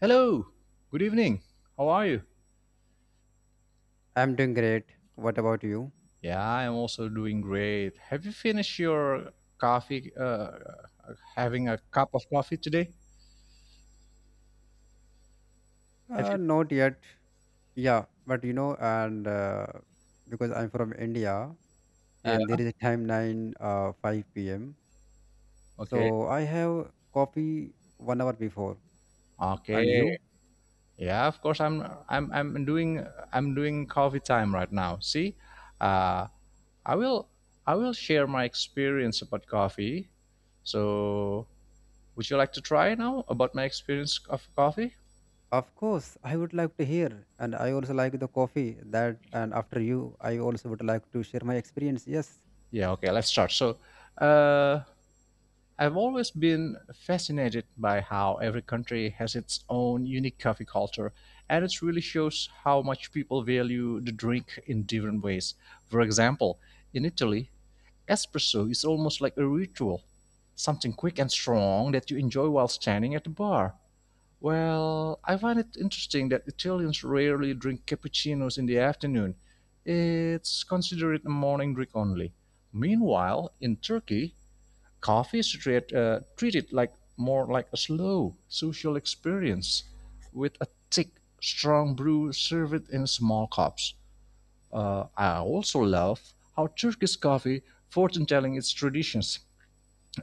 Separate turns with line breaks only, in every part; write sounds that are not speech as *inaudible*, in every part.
Hello, good evening. How are you?
I'm doing great. What about you?
Yeah, I'm also doing great. Have you finished your coffee? Having a cup of coffee today? Have you?
Not yet. Yeah, but you know, and because I'm from India, and
Yeah.
there is a time nine five p.m.
Okay.
So I have coffee 1 hour before. And
Okay.
you?
Yeah. Of course, I'm doing coffee time right now. See, uh, I will. I will share my experience about coffee. So, would you like to try now about my experience of coffee?
Of course, I would like to hear, and I also like the coffee that. And after you, I also would like to share my experience. Yes.
Yeah. Okay. Let's start. Uh, I've always been fascinated by how every country has its own unique coffee culture, and it really shows how much people value the drink in different ways. For example, in Italy, espresso is almost like a ritual, something quick and strong that you enjoy while standing at the bar. Well, I find it interesting that Italians rarely drink cappuccinos in the afternoon. It's considered a morning drink only. Meanwhile, in Turkey, coffee is treated like more like a slow social experience with a thick, strong brew served in small cups. I also love how Turkish coffee fortune telling its traditions.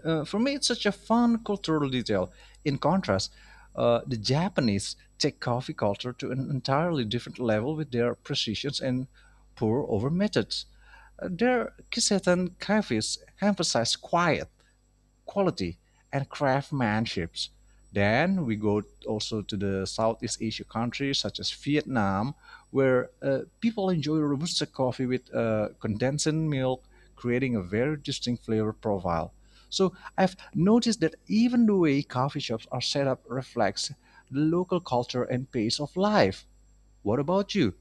For me, it's such a fun cultural detail. In contrast, the Japanese take coffee culture to an entirely different level with their precisions and pour over methods. Their Kisetan cafes emphasize quiet, quality and craftsmanship. Then we go also to the Southeast Asia countries such as Vietnam, where people enjoy robusta coffee with condensed milk, creating a very distinct flavor profile. So I've noticed that even the way coffee shops are set up reflects the local culture and pace of life. What about you?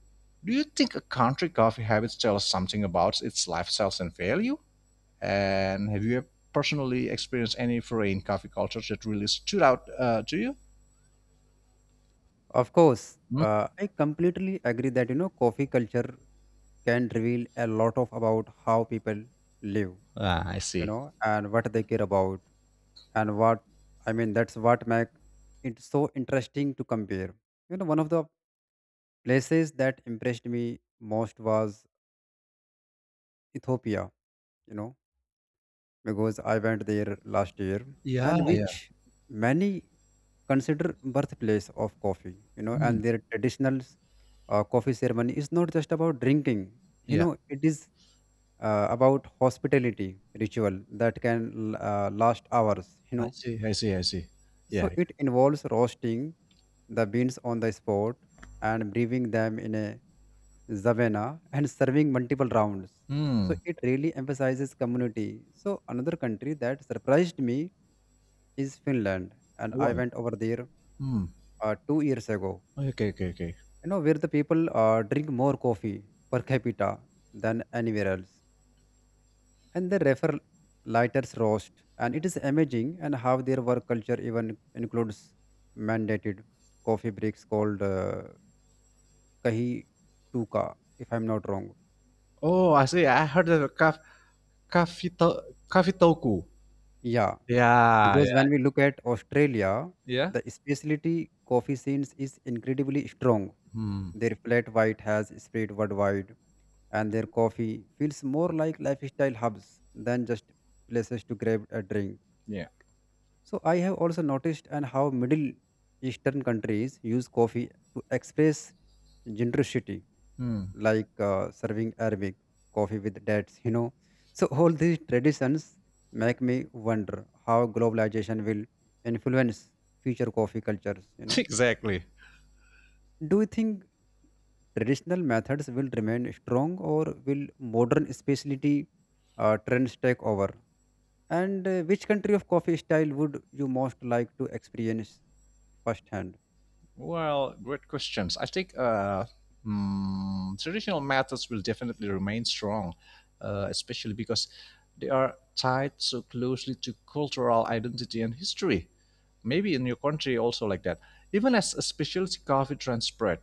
Do you think a country coffee habits tell us something about its lifestyles and value? And have you personally experienced any foreign coffee cultures that really stood out to you?
Of course,
Hmm?
I completely agree that you know coffee culture can reveal a lot of about how people live,
Ah, I
you
see.
know, and what they care about, and what I mean. That's what make it so interesting to compare. You know, one of the places that impressed me most was Ethiopia. You know, because I went there last year,
Yeah,
and
yeah.
which many consider birthplace of coffee. You know,
Mm,
and their traditional coffee ceremony is not just about drinking, you
yeah,
know, it is about hospitality ritual that can last hours, you
I
know,
see, I see, I see. Yeah,
so
yeah.
it involves roasting the beans on the spot and brewing them in a zavena and serving multiple rounds.
Hmm.
So it really emphasizes community. So another country that surprised me is Finland, and I
Wow.
went over there
Hmm.
2 years ago,
Okay, okay, okay, okay.
you know, where the people drink more coffee per capita than anywhere else. And they refer lighters roast. And it is amazing and how their work culture even includes mandated coffee breaks called Kahi Tuka, if I'm not wrong.
Oh, I see. I heard of a coffee to- coffee toku.
Yeah.
Yeah,
Because
yeah,
when we look at Australia,
yeah.
the specialty coffee scene is incredibly strong.
Hmm.
Their flat white has spread worldwide, and their coffee feels more like lifestyle hubs than just places to grab a drink.
Yeah.
So I have also noticed and how Middle Eastern countries use coffee to express generosity,
Hmm.
like serving Arabic coffee with dates, you know. So all these traditions make me wonder how globalization will influence future coffee cultures, you
*laughs*
know.
Exactly.
Do you think traditional methods will remain strong, or will modern specialty trends take over? And which country of coffee style would you most like to experience firsthand?
Well, great questions. Traditional methods will definitely remain strong, especially because they are tied so closely to cultural identity and history. Maybe in your country also like that. Even as a specialty coffee trend spread,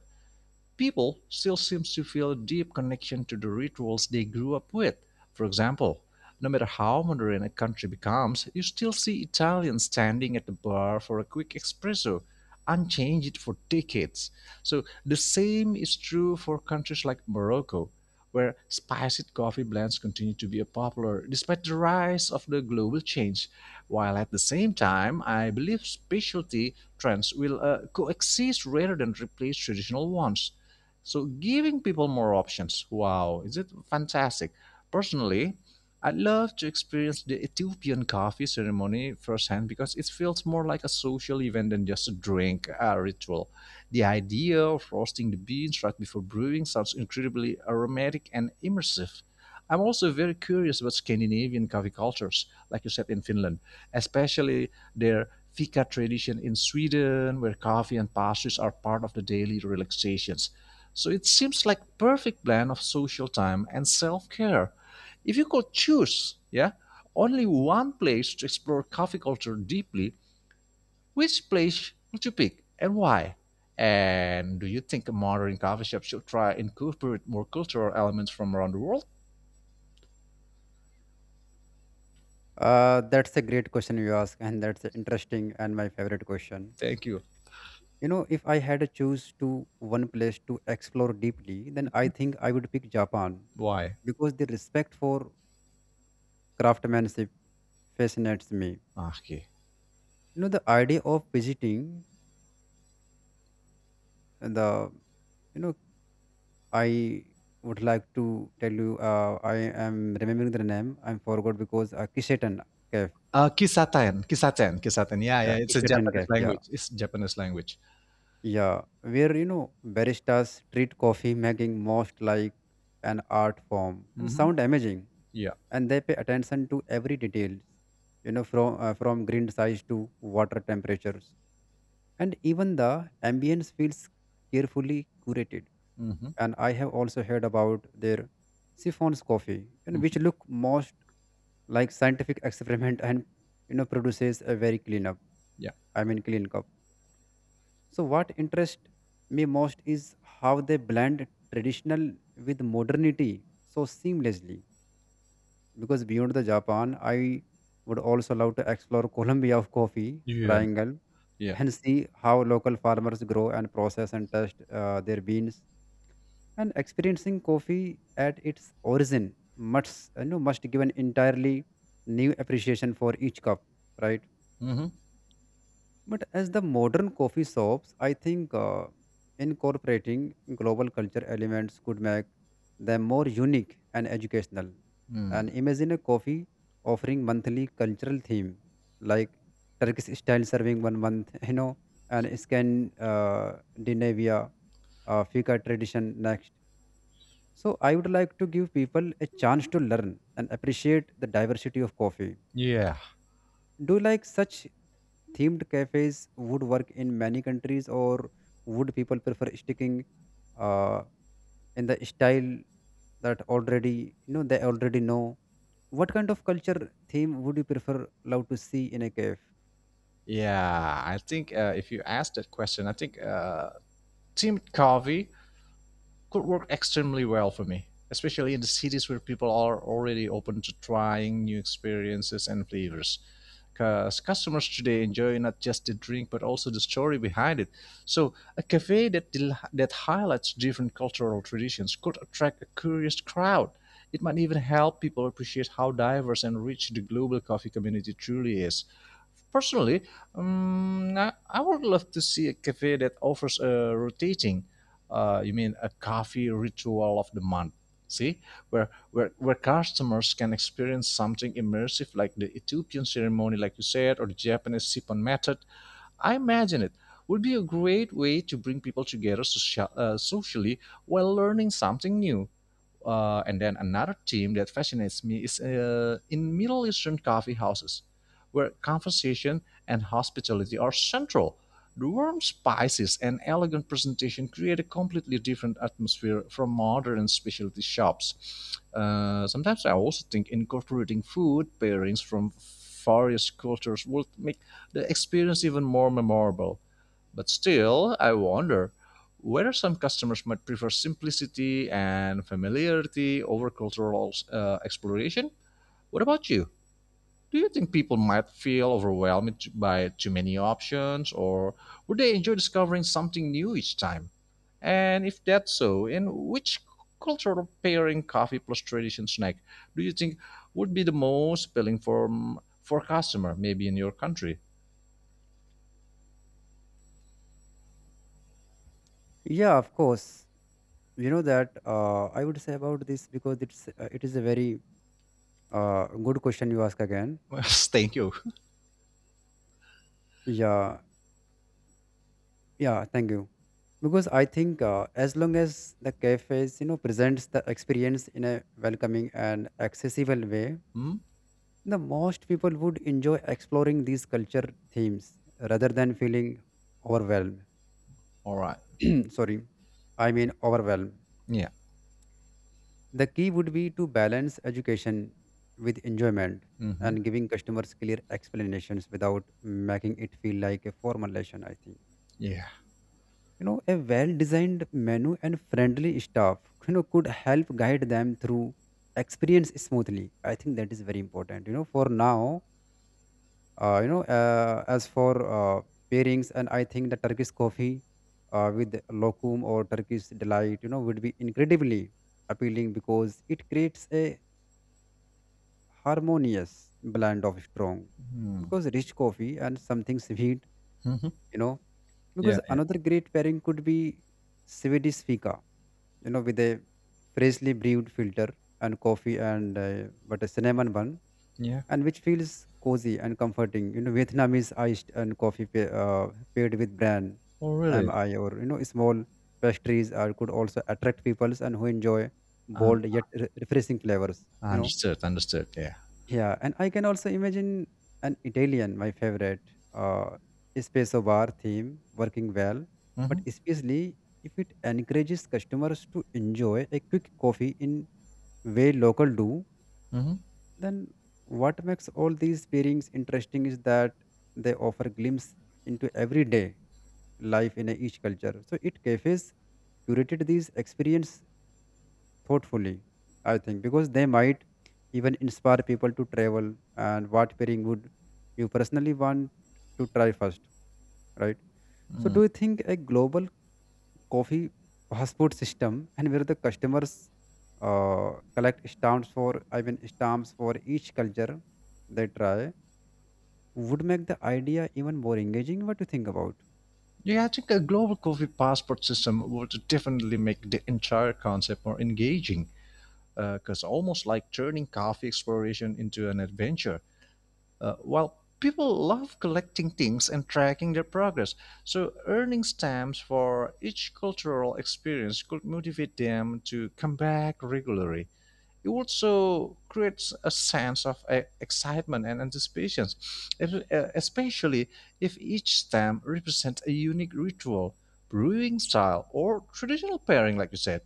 people still seem to feel a deep connection to the rituals they grew up with. For example, no matter how modern a country becomes, you still see Italians standing at the bar for a quick espresso, unchanged for decades. So the same is true for countries like Morocco, where spicy coffee blends continue to be popular despite the rise of the global change. While at the same time, I believe specialty trends will coexist rather than replace traditional ones, so giving people more options. Wow, is it fantastic? Personally, I'd love to experience the Ethiopian coffee ceremony firsthand because it feels more like a social event than just a drink ritual. The idea of roasting the beans right before brewing sounds incredibly aromatic and immersive. I'm also very curious about Scandinavian coffee cultures, like you said, in Finland, especially their fika tradition in Sweden, where coffee and pastries are part of the daily relaxations. So it seems like perfect blend of social time and self-care. If you could choose, yeah, only one place to explore coffee culture deeply, which place would you pick and why? And do you think a modern coffee shop should try and incorporate more cultural elements from around the world?
That's a great question you ask, and that's interesting and my favorite question.
Thank you.
You know, if I had to choose to one place to explore deeply, then I think I would pick Japan
Why?
because the respect for craftsmanship fascinates me.
Ah, okay.
You know, the idea of visiting the, you know, I would like to tell you, I am remembering the name, I am forgot because Kiseten Cave.
Kisaten, kisaten, kisaten. Yeah, yeah.
Yeah,
It's a
Kiseten
Japanese
Cave. Yeah.
language. It's Japanese language.
Yeah. Where, you know, baristas treat coffee making most like an art form and
Mm-hmm.
sound amazing,
Yeah.
and they pay attention to every details, you know, from green size to water temperatures, and even the ambience feels carefully curated.
Mm-hmm.
And I have also heard about their siphons coffee, you know,
Hmm.
which look most like scientific experiment and you know produces a very clean up,
Yeah.
I mean, clean cup. So what interests me most is how they blend traditional with modernity so seamlessly. Because beyond the Japan, I would also love to explore Colombia of coffee
Yeah.
triangle
Yeah.
and see how local farmers grow and process and test their beans. And experiencing coffee at its origin must, you know, must give an entirely new appreciation for each cup, right?
Mm-hmm.
But as the modern coffee shops, I think incorporating global culture elements could make them more unique and educational. And
Mm.
imagine a coffee offering monthly cultural theme like Turkish style serving 1 month, *laughs* you know, and Scandinavia fika tradition next. So I would like to give people a chance to learn and appreciate the diversity of coffee.
Yeah.
Do you like such themed cafes would work in many countries, or would people prefer sticking uh, in the style that already you know they already know? What kind of culture theme would you prefer love to see in a cave?
Yeah, I think if you ask that question, I think teamed coffee could work extremely well for me, especially in the cities where people are already open to trying new experiences and flavors, because customers today enjoy not just the drink but also the story behind it. So, a cafe that that highlights different cultural traditions could attract a curious crowd. It might even help people appreciate how diverse and rich the global coffee community truly is. Personally, I would love to see a cafe that offers a rotating, you mean a coffee ritual of the month. See, where customers can experience something immersive like the Ethiopian ceremony, like you said, or the Japanese sippon method. I imagine it would be a great way to bring people together socially while learning something new. And then another theme that fascinates me is in Middle Eastern coffee houses, where conversation and hospitality are central. The warm spices and elegant presentation create a completely different atmosphere from modern specialty shops. Sometimes I also think incorporating food pairings from various cultures would make the experience even more memorable. But still, I wonder whether some customers might prefer simplicity and familiarity over cultural exploration. What about you? Do you think people might feel overwhelmed by too many options, or would they enjoy discovering something new each time? And if that's so, in which cultural pairing coffee plus tradition snack do you think would be the most appealing for customer maybe in your country?
Yeah, of course. You know that I would say about this because it's it is a very good question you ask again.
*laughs* Thank you.
Yeah, yeah. Thank you. Because I think as long as the cafes you know presents the experience in a welcoming and accessible way,
Hmm?
the most people would enjoy exploring these culture themes rather than feeling overwhelmed.
All right.
*clears throat* Sorry, I mean overwhelmed.
Yeah.
The key would be to balance education with enjoyment
Mhm.
and giving customers clear explanations without making it feel like a formal lesson, I think.
Yeah.
You know, a well designed menu and friendly staff, you know, could help guide them through experience smoothly. I think that is very important, you know, for now. Uh, you know uh, as for uh, pairings, and I think the Turkish coffee with lokum or Turkish delight, you know, would be incredibly appealing because it creates a harmonious blend of strong,
Mm.
because rich coffee and something sweet,
Hmm.
you know.
Yeah,
Because
yeah,
another great pairing could be Swedish fika, you know, with a freshly brewed filter and coffee and but a cinnamon bun,
yeah.
and which feels cozy and comforting, you know. Vietnamese iced and coffee paired with bran
Oh, really?
mi, or you know small pastries, are could also attract peoples and who enjoy
Uh,
bold yet refreshing flavors, you know.
understood, understood. Yeah.
Yeah, and I can also imagine an Italian, my favorite, uh, espresso bar theme working well, but
Hmm.
especially if it encourages customers to enjoy a quick coffee in way local do.
Hmm.
Then what makes all these pairings interesting is that they offer glimpse into everyday life in a each culture. So it cafes curated these experience thoughtfully, I think, because they might even inspire people to travel. And what pairing would you personally want to try first, right? So, do
Mm.
you think a global coffee passport system, and where the customers collect stamps for, I mean, stamps for each culture they try, would make the idea even more engaging? What do you think about?
Yeah, I think a global coffee passport system would definitely make the entire concept more engaging, because almost like turning coffee exploration into an adventure. While people love collecting things and tracking their progress, so earning stamps for each cultural experience could motivate them to come back regularly. It also creates a sense of excitement and anticipation, especially if each stem represents a unique ritual, brewing style, or traditional pairing, like you said.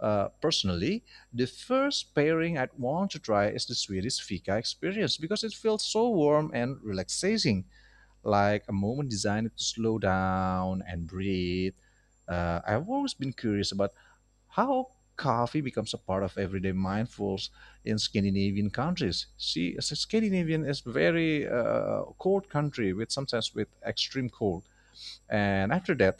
Personally, the first pairing I'd want to try is the Swedish Fika experience because it feels so warm and relaxing, like a moment designed to slow down and breathe. I've always been curious about how coffee becomes a part of everyday mindfuls in Scandinavian countries. See, Scandinavian is very cold country with sometimes with extreme cold. And after that,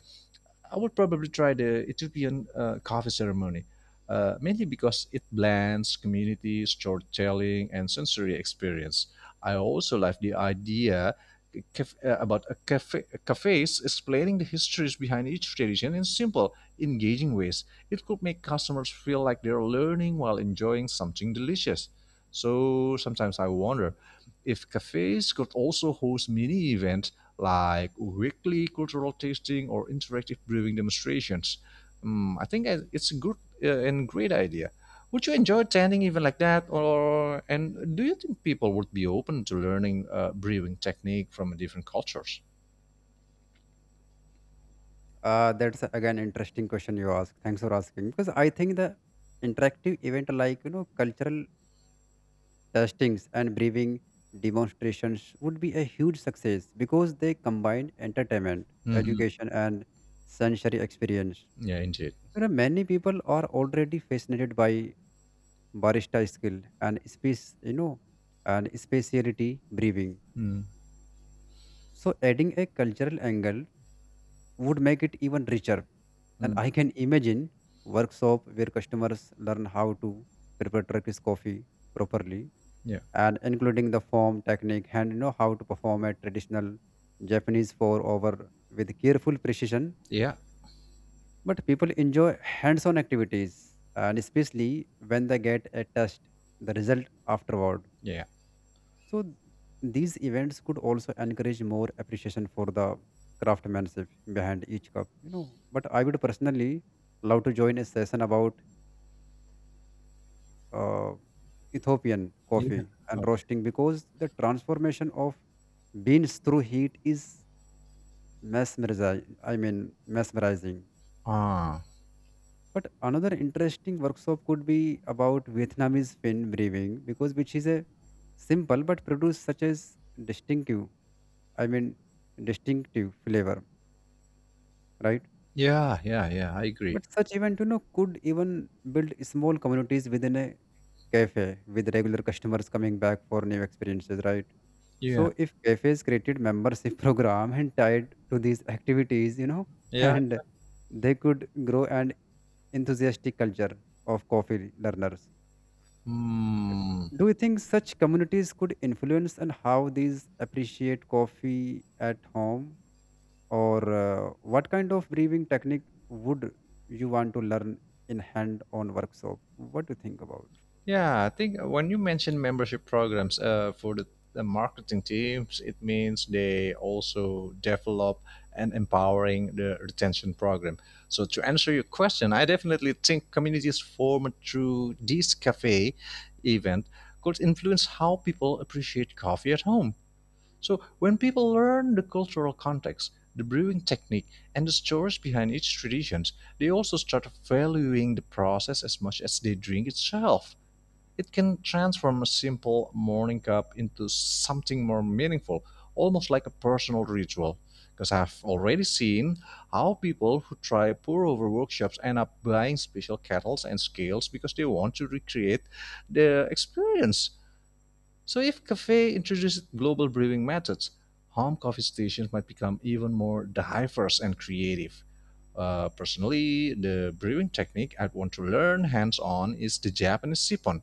I would probably try the Ethiopian coffee ceremony, mainly because it blends community, storytelling, and sensory experience. I also like the idea about a cafe, cafes explaining the histories behind each tradition in simple, engaging ways. It could make customers feel like they're learning while enjoying something delicious. So sometimes I wonder if cafes could also host mini events like weekly cultural tasting or interactive brewing demonstrations. Mm, I think it's a good and great idea. Would you enjoy attending even like that, or and do you think people would be open to learning brewing technique from different cultures?
That's again interesting question you ask. Thanks for asking. Because I think the interactive event like you know cultural tastings and brewing demonstrations would be a huge success because they combine entertainment,
Hmm.
education, and sensory experience.
Yeah, indeed.
You know, many people are already fascinated by barista skill and space, you know, and speciality brewing.
Mm-hmm.
So adding a cultural angle would make it even richer. And I can imagine workshop where customers learn how to prepare Turkish coffee properly
Yeah,
and including the form technique, and you know how to perform a traditional Japanese four over with careful precision.
yeah,
But people enjoy hands-on activities, and especially when they get a test the result afterward.
yeah,
So these events could also encourage more appreciation for the craftsmanship behind each cup, you know. But I would personally love to join a session about uh, Ethiopian
yeah.
coffee and
Okay.
roasting because the transformation of beans through heat is mesmerizing. I mean, mesmerizing.
Ah,
But another interesting workshop could be about Vietnamese fin brewing, because which is a simple but produce such as distinctive. I mean, distinctive flavor, right?
yeah, yeah, yeah. I agree.
But such event, you know, could even build small communities within a cafe with regular customers coming back for new experiences, right?
Yeah,
So if cafes created membership *laughs* program and tied to these activities, you know, *laughs*
yeah.
and they could grow an enthusiastic culture of coffee learners.
Hmm.
Do you think such communities could influence and how these appreciate coffee at home, or what kind of brewing technique would you want to learn in hand-on workshop? What do you think about?
Yeah, I think when you mention membership programs for the marketing teams, it means they also develop and empowering the retention program. So to answer your question, I definitely think communities formed through this cafe event could influence how people appreciate coffee at home. So when people learn the cultural context, the brewing technique, and the stories behind each traditions, they also start valuing the process as much as they drink itself. It can transform a simple morning cup into something more meaningful, almost like a personal ritual. Because I've already seen how people who try pour over workshops end up buying special kettles and scales because they want to recreate the experience. So, if cafe introduces global brewing methods, home coffee stations might become even more diverse and creative. Personally, the brewing technique I'd want to learn hands on is the Japanese sippon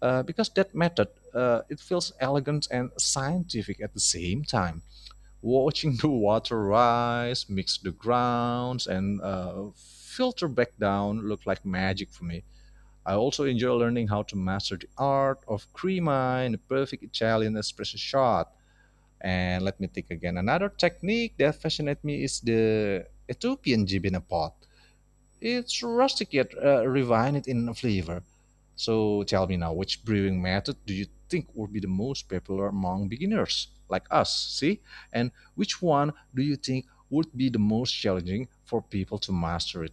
because that method, it feels elegant and scientific at the same time. Watching *laughs* the water rise, mix the grounds, and filter back down looked like magic for me. I also enjoy learning how to master the art of crema in a perfect Italian espresso shot. And let me think again. Another technique that fascinated me is the Ethiopian jib pot. It's rustic yet refined in flavor. So tell me now, which brewing method do you think would be the most popular among beginners like us? See? And which one do you think would be the most challenging for people to master it?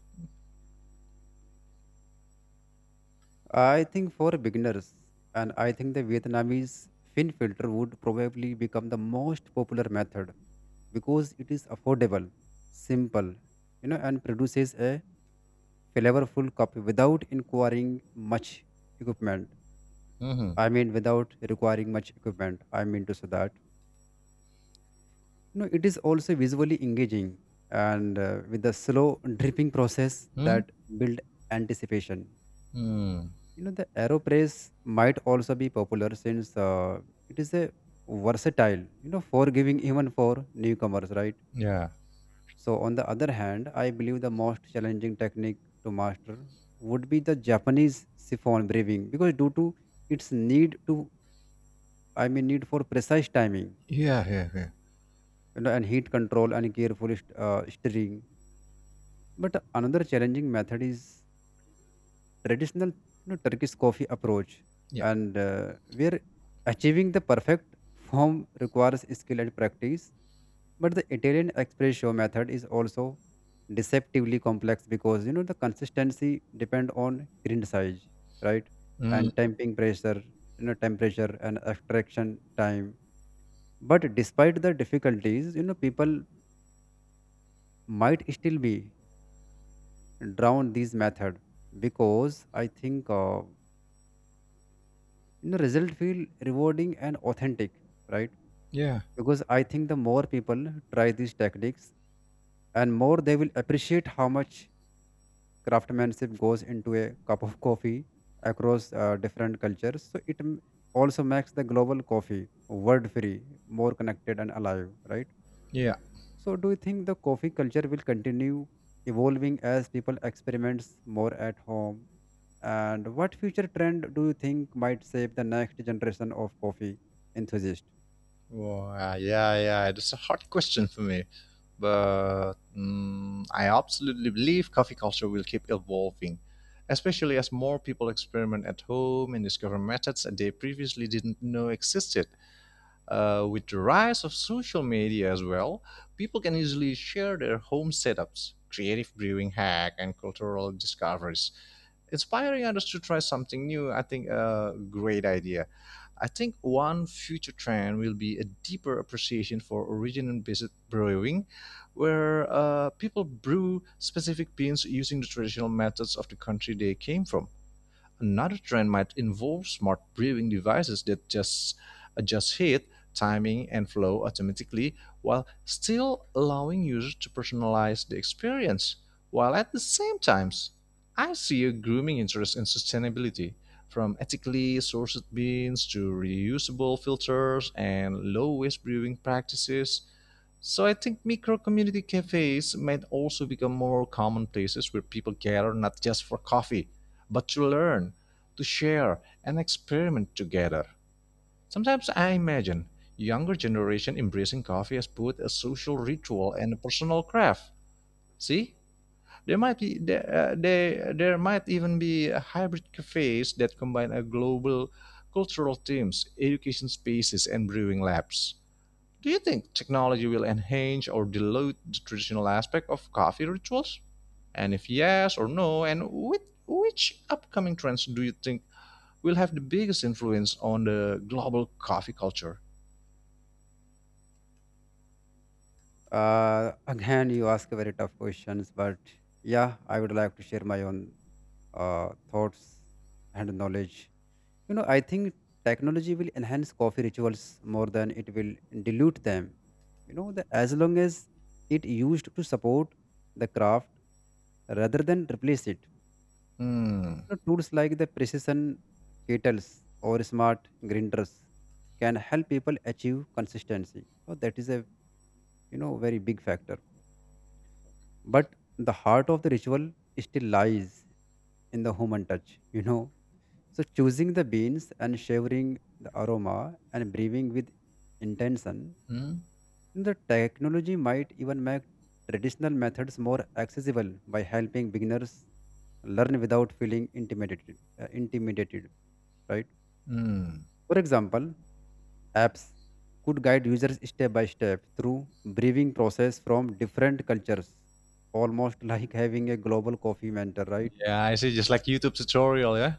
I think for beginners, and I think the Vietnamese fin filter would probably become the most popular method because it is affordable, simple, you know, and produces a flavorful coffee without requiring much equipment.
Mhm.
I mean, without requiring much equipment. I mean to say that you know it is also visually engaging, and with the slow dripping process
Hmm.
that build anticipation.
Hmm.
You know, the AeroPress might also be popular since it is a versatile, you know, forgiving even for newcomers, right?
Yeah.
So, on the other hand, I believe the most challenging technique to master would be the Japanese siphon breathing, because due to its need to, I mean, need for precise timing,
Yeah, yeah, yeah.
you know, and heat control and careful stirring. But another challenging method is traditional, you know, Turkish coffee approach,
Yeah.
and where achieving the perfect form requires skill and practice. But the Italian espresso method is also deceptively complex, because you know the consistency depend on grind size, right,
Mm.
and temping pressure, you know, temperature and extraction time. But despite the difficulties, you know, people might still be drown these method because I think. Result feel rewarding and authentic, right?
Yeah.
Because I think the more people try these techniques, and more they will appreciate how much craftsmanship goes into a cup of coffee across different cultures. So also makes the global coffee world free, more connected and alive, right?
Yeah.
So do you think the coffee culture will continue evolving as people experiments more at home, and what future trend do you think might save the next generation of coffee enthusiasts?
Wow, yeah, yeah. That's a hard question for me. But mm, I absolutely believe coffee culture will keep evolving, especially as more people experiment at home and discover methods that they previously didn't know existed. With the rise of social media as well, people can easily share their home setups, creative brewing hack, and cultural discoveries, inspiring others to try something new. I think a great idea. I think one future trend will be a deeper appreciation for origin-based brewing, where people brew specific beans using the traditional methods of the country they came from. Another trend might involve smart brewing devices that just adjust heat, timing, and flow automatically while still allowing users to personalize the experience. While at the same time, I see a grooming interest in sustainability, from ethically sourced beans to reusable filters and low waste brewing practices. So I think micro community cafes might also become more common places where people gather not just for coffee, but to learn, to share, and experiment together. Sometimes I imagine younger generation embracing coffee as both a social ritual and a personal craft. See, there might even be hybrid cafes that combine a global cultural themes, education spaces, and brewing labs. Do you think technology will enhance or dilute the traditional aspect of coffee rituals? And if yes or no, and which upcoming trends do you think will have the biggest influence on the global coffee culture?
Again, you ask a very tough questions, but yeah, I would like to share my own thoughts and knowledge. I think technology will enhance coffee rituals more than it will dilute them. As long as it used to support the craft rather than replace it.
Hmm.
Tools like the precision kettles or smart grinders can help people achieve consistency. Oh, that is a, very big factor. But the heart of the ritual still lies in the human touch. So choosing the beans and savoring the aroma and breathing with intention,
Hmm.
the technology might even make traditional methods more accessible by helping beginners learn without feeling intimidated. Intimidated, right?
Hmm.
For example, apps could guide users step by step through breathing process from different cultures, almost *laughs* like having a global coffee mentor, right?
Yeah, I see. Just like YouTube tutorial, yeah.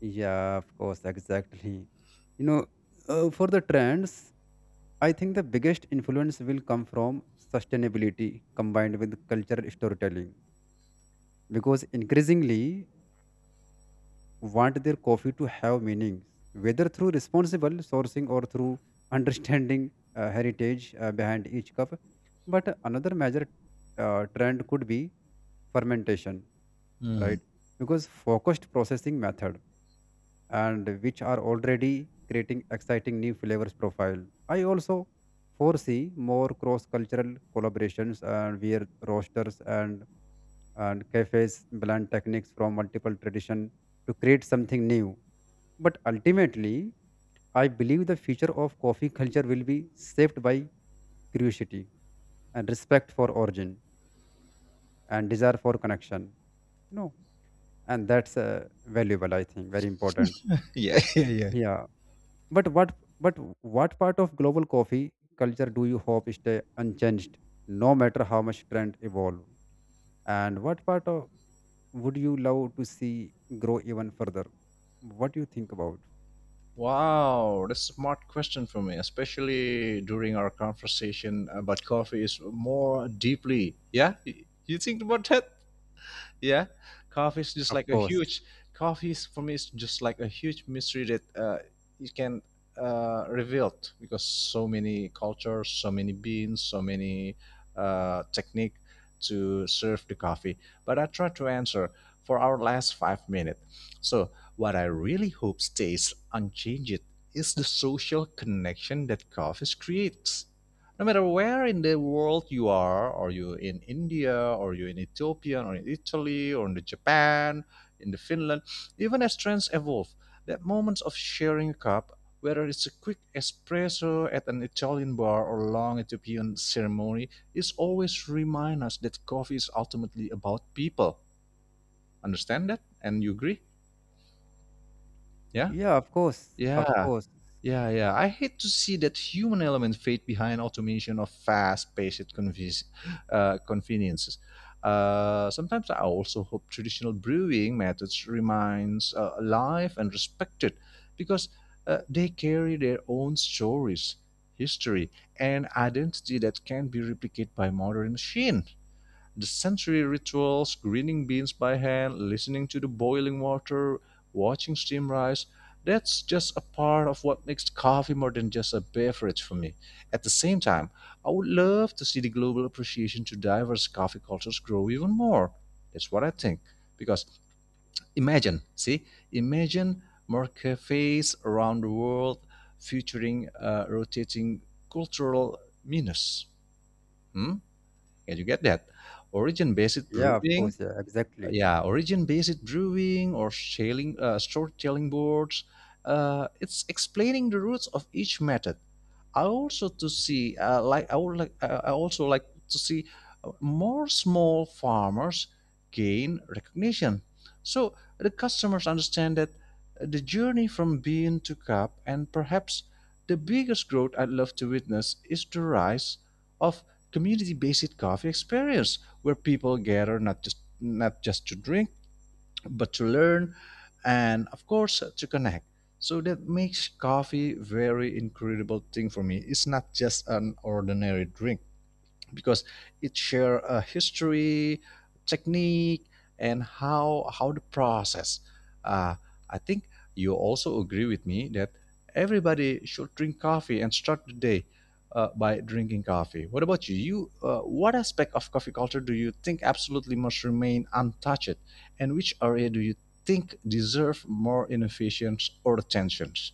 Yeah, of course, exactly. You know, for the trends, I think the biggest influence will come from sustainability combined with cultural storytelling, because increasingly want their coffee to have meanings, whether through responsible sourcing or through *laughs* understanding heritage behind each cup. But another major trend could be fermentation, right?
Hmm.
Because focused processing method, and which are already creating exciting new flavors profile. I also foresee more cross-cultural collaborations, and where roasters and cafes blend techniques from multiple tradition to create something new. But ultimately, I believe the future of coffee culture will be shaped by curiosity and respect for origin and desire for connection. You know, and that's valuable. I think very important.
Yeah, *laughs* yeah, yeah.
Yeah. But what part of global coffee culture do you hope stay unchanged, no matter how much trend evolve? And what part of would you love to see grow even further? What do you think about?
Wow, that's a smart question for me, especially during our conversation about coffee is more deeply. Yeah, you think about that? Yeah, coffee is just
Of
like a
course.
huge coffee is for me is just like a huge mystery that you can reveal because so many cultures, so many beans, so many technique to serve the coffee, but I try to answer for our last 5 minutes. So what I really hope stays unchanged is the social connection that coffee creates. No matter where in the world you are, or you in India, or you in Ethiopia, or in Italy, or in the Japan, in the Finland, even as trends evolve, that moments of sharing a cup, whether it's a quick espresso at an Italian bar or a long Ethiopian ceremony, is always remind us that coffee is ultimately about people. Understand that? And you agree? Yeah?
Yeah, of course. Of
Yeah.
course.
Yeah, yeah. I hate to see that human element fade behind automation of fast-paced conveniences. Sometimes I also hope traditional brewing methods remains alive and respected, because they carry their own stories, history, and identity that can be replicated by modern machine. The sensory rituals, grinding beans by hand, listening to the boiling water, watching steam rise, that's just a part of what makes coffee more than just a beverage for me. At the same time, I would love to see the global appreciation to diverse coffee cultures grow even more. That's what I think. Because imagine, see, imagine more cafes around the world featuring rotating cultural menus. Hmm? Can you get that? Origin-based
Yeah, of
brewing,
course. Yeah, exactly.
yeah, origin-based brewing or shaling, storytelling boards. It's explaining the roots of each method. I also to see like I would like I also like to see more small farmers gain recognition, so the customers understand that the journey from bean to cup, and perhaps the biggest growth I'd love to witness is the rise of community-based coffee experience where people gather not just to drink, but to learn and of course to connect. So that makes coffee very incredible thing for me. It's not just an ordinary drink, because it share a history, technique, and how the process. Uh, I think you also agree with me that everybody should drink coffee and start the day by drinking coffee. What about you? What aspect of coffee culture do you think absolutely must remain untouched, and which area do you think deserve more innovations or attentions?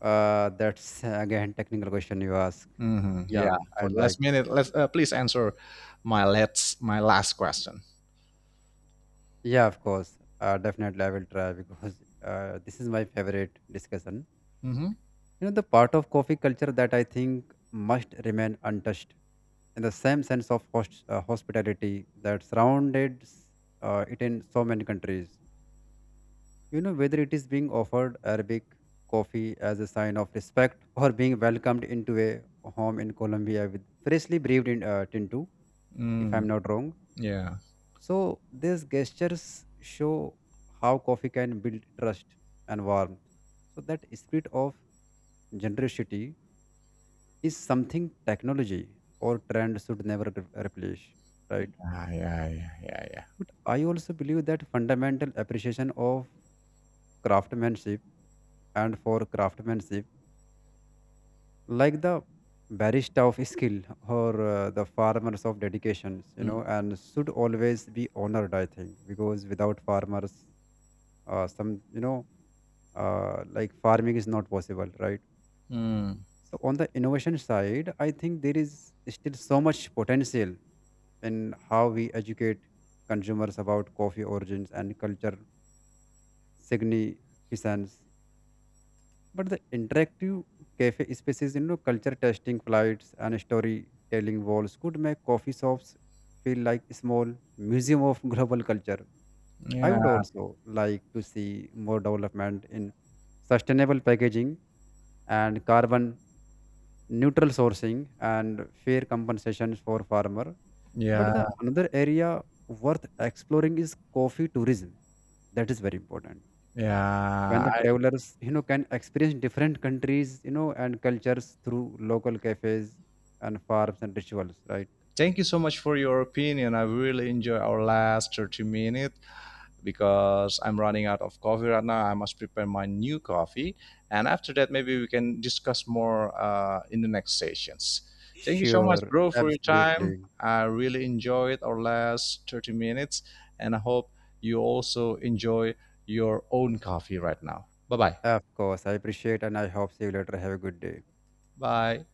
That's again technical question you ask.
Mhm. Yeah.
Yeah, I
For the
like.
last minute, let's please answer my last question.
Yeah, of course. Definitely, I will try, because this is my favorite discussion.
Mm-hmm.
You know, the part of coffee culture that I think must remain untouched in the same sense of hospitality that surrounded it in so many countries. You know, whether it is being offered Arabic coffee as a sign of respect, or being welcomed into a home in Colombia with freshly brewed Tinto, if I'm
Mm,
not wrong.
yeah.
So these gestures show how coffee can build trust and warmth. So that spirit of generosity is something technology or trend should never replace, right?
Yeah, yeah, yeah, yeah, yeah.
But I also believe that fundamental appreciation of craftsmanship and for craftsmanship, like the barista of skill, or the farmers of dedications, you
Mm,
know, and should always be honored. I think because without farmers, some, you know, like farming is not possible, right?
mm,
So on the innovation side, I think there is still so much potential in how we educate consumers about coffee origins and culture significance. But the interactive cafe spaces, you know, culture testing flights and storytelling walls could make coffee shops feel like a small museum of *laughs* global culture. I would
yeah,
also like to see more development in sustainable packaging and carbon neutral sourcing and fair compensations for farmer. But
yeah,
the another area worth exploring is coffee tourism. That is very important. When
yeah.
the
I,
travelers, you know, can experience different countries, you know, and cultures through local cafes and farms and rituals, right?
thank you so much for your opinion. I really enjoy our last 30 minutes, because I'm running out of coffee right now. I must prepare my new coffee. And after that, maybe we can discuss more in the next sessions. Thank you so much,
Sure,
bro, for your time.
absolutely.
I really enjoyed our last 30 minutes, and I hope you also enjoy your own coffee right now. Bye-bye.
Of course, I appreciate and I hope see you later. Have a good day.
Bye.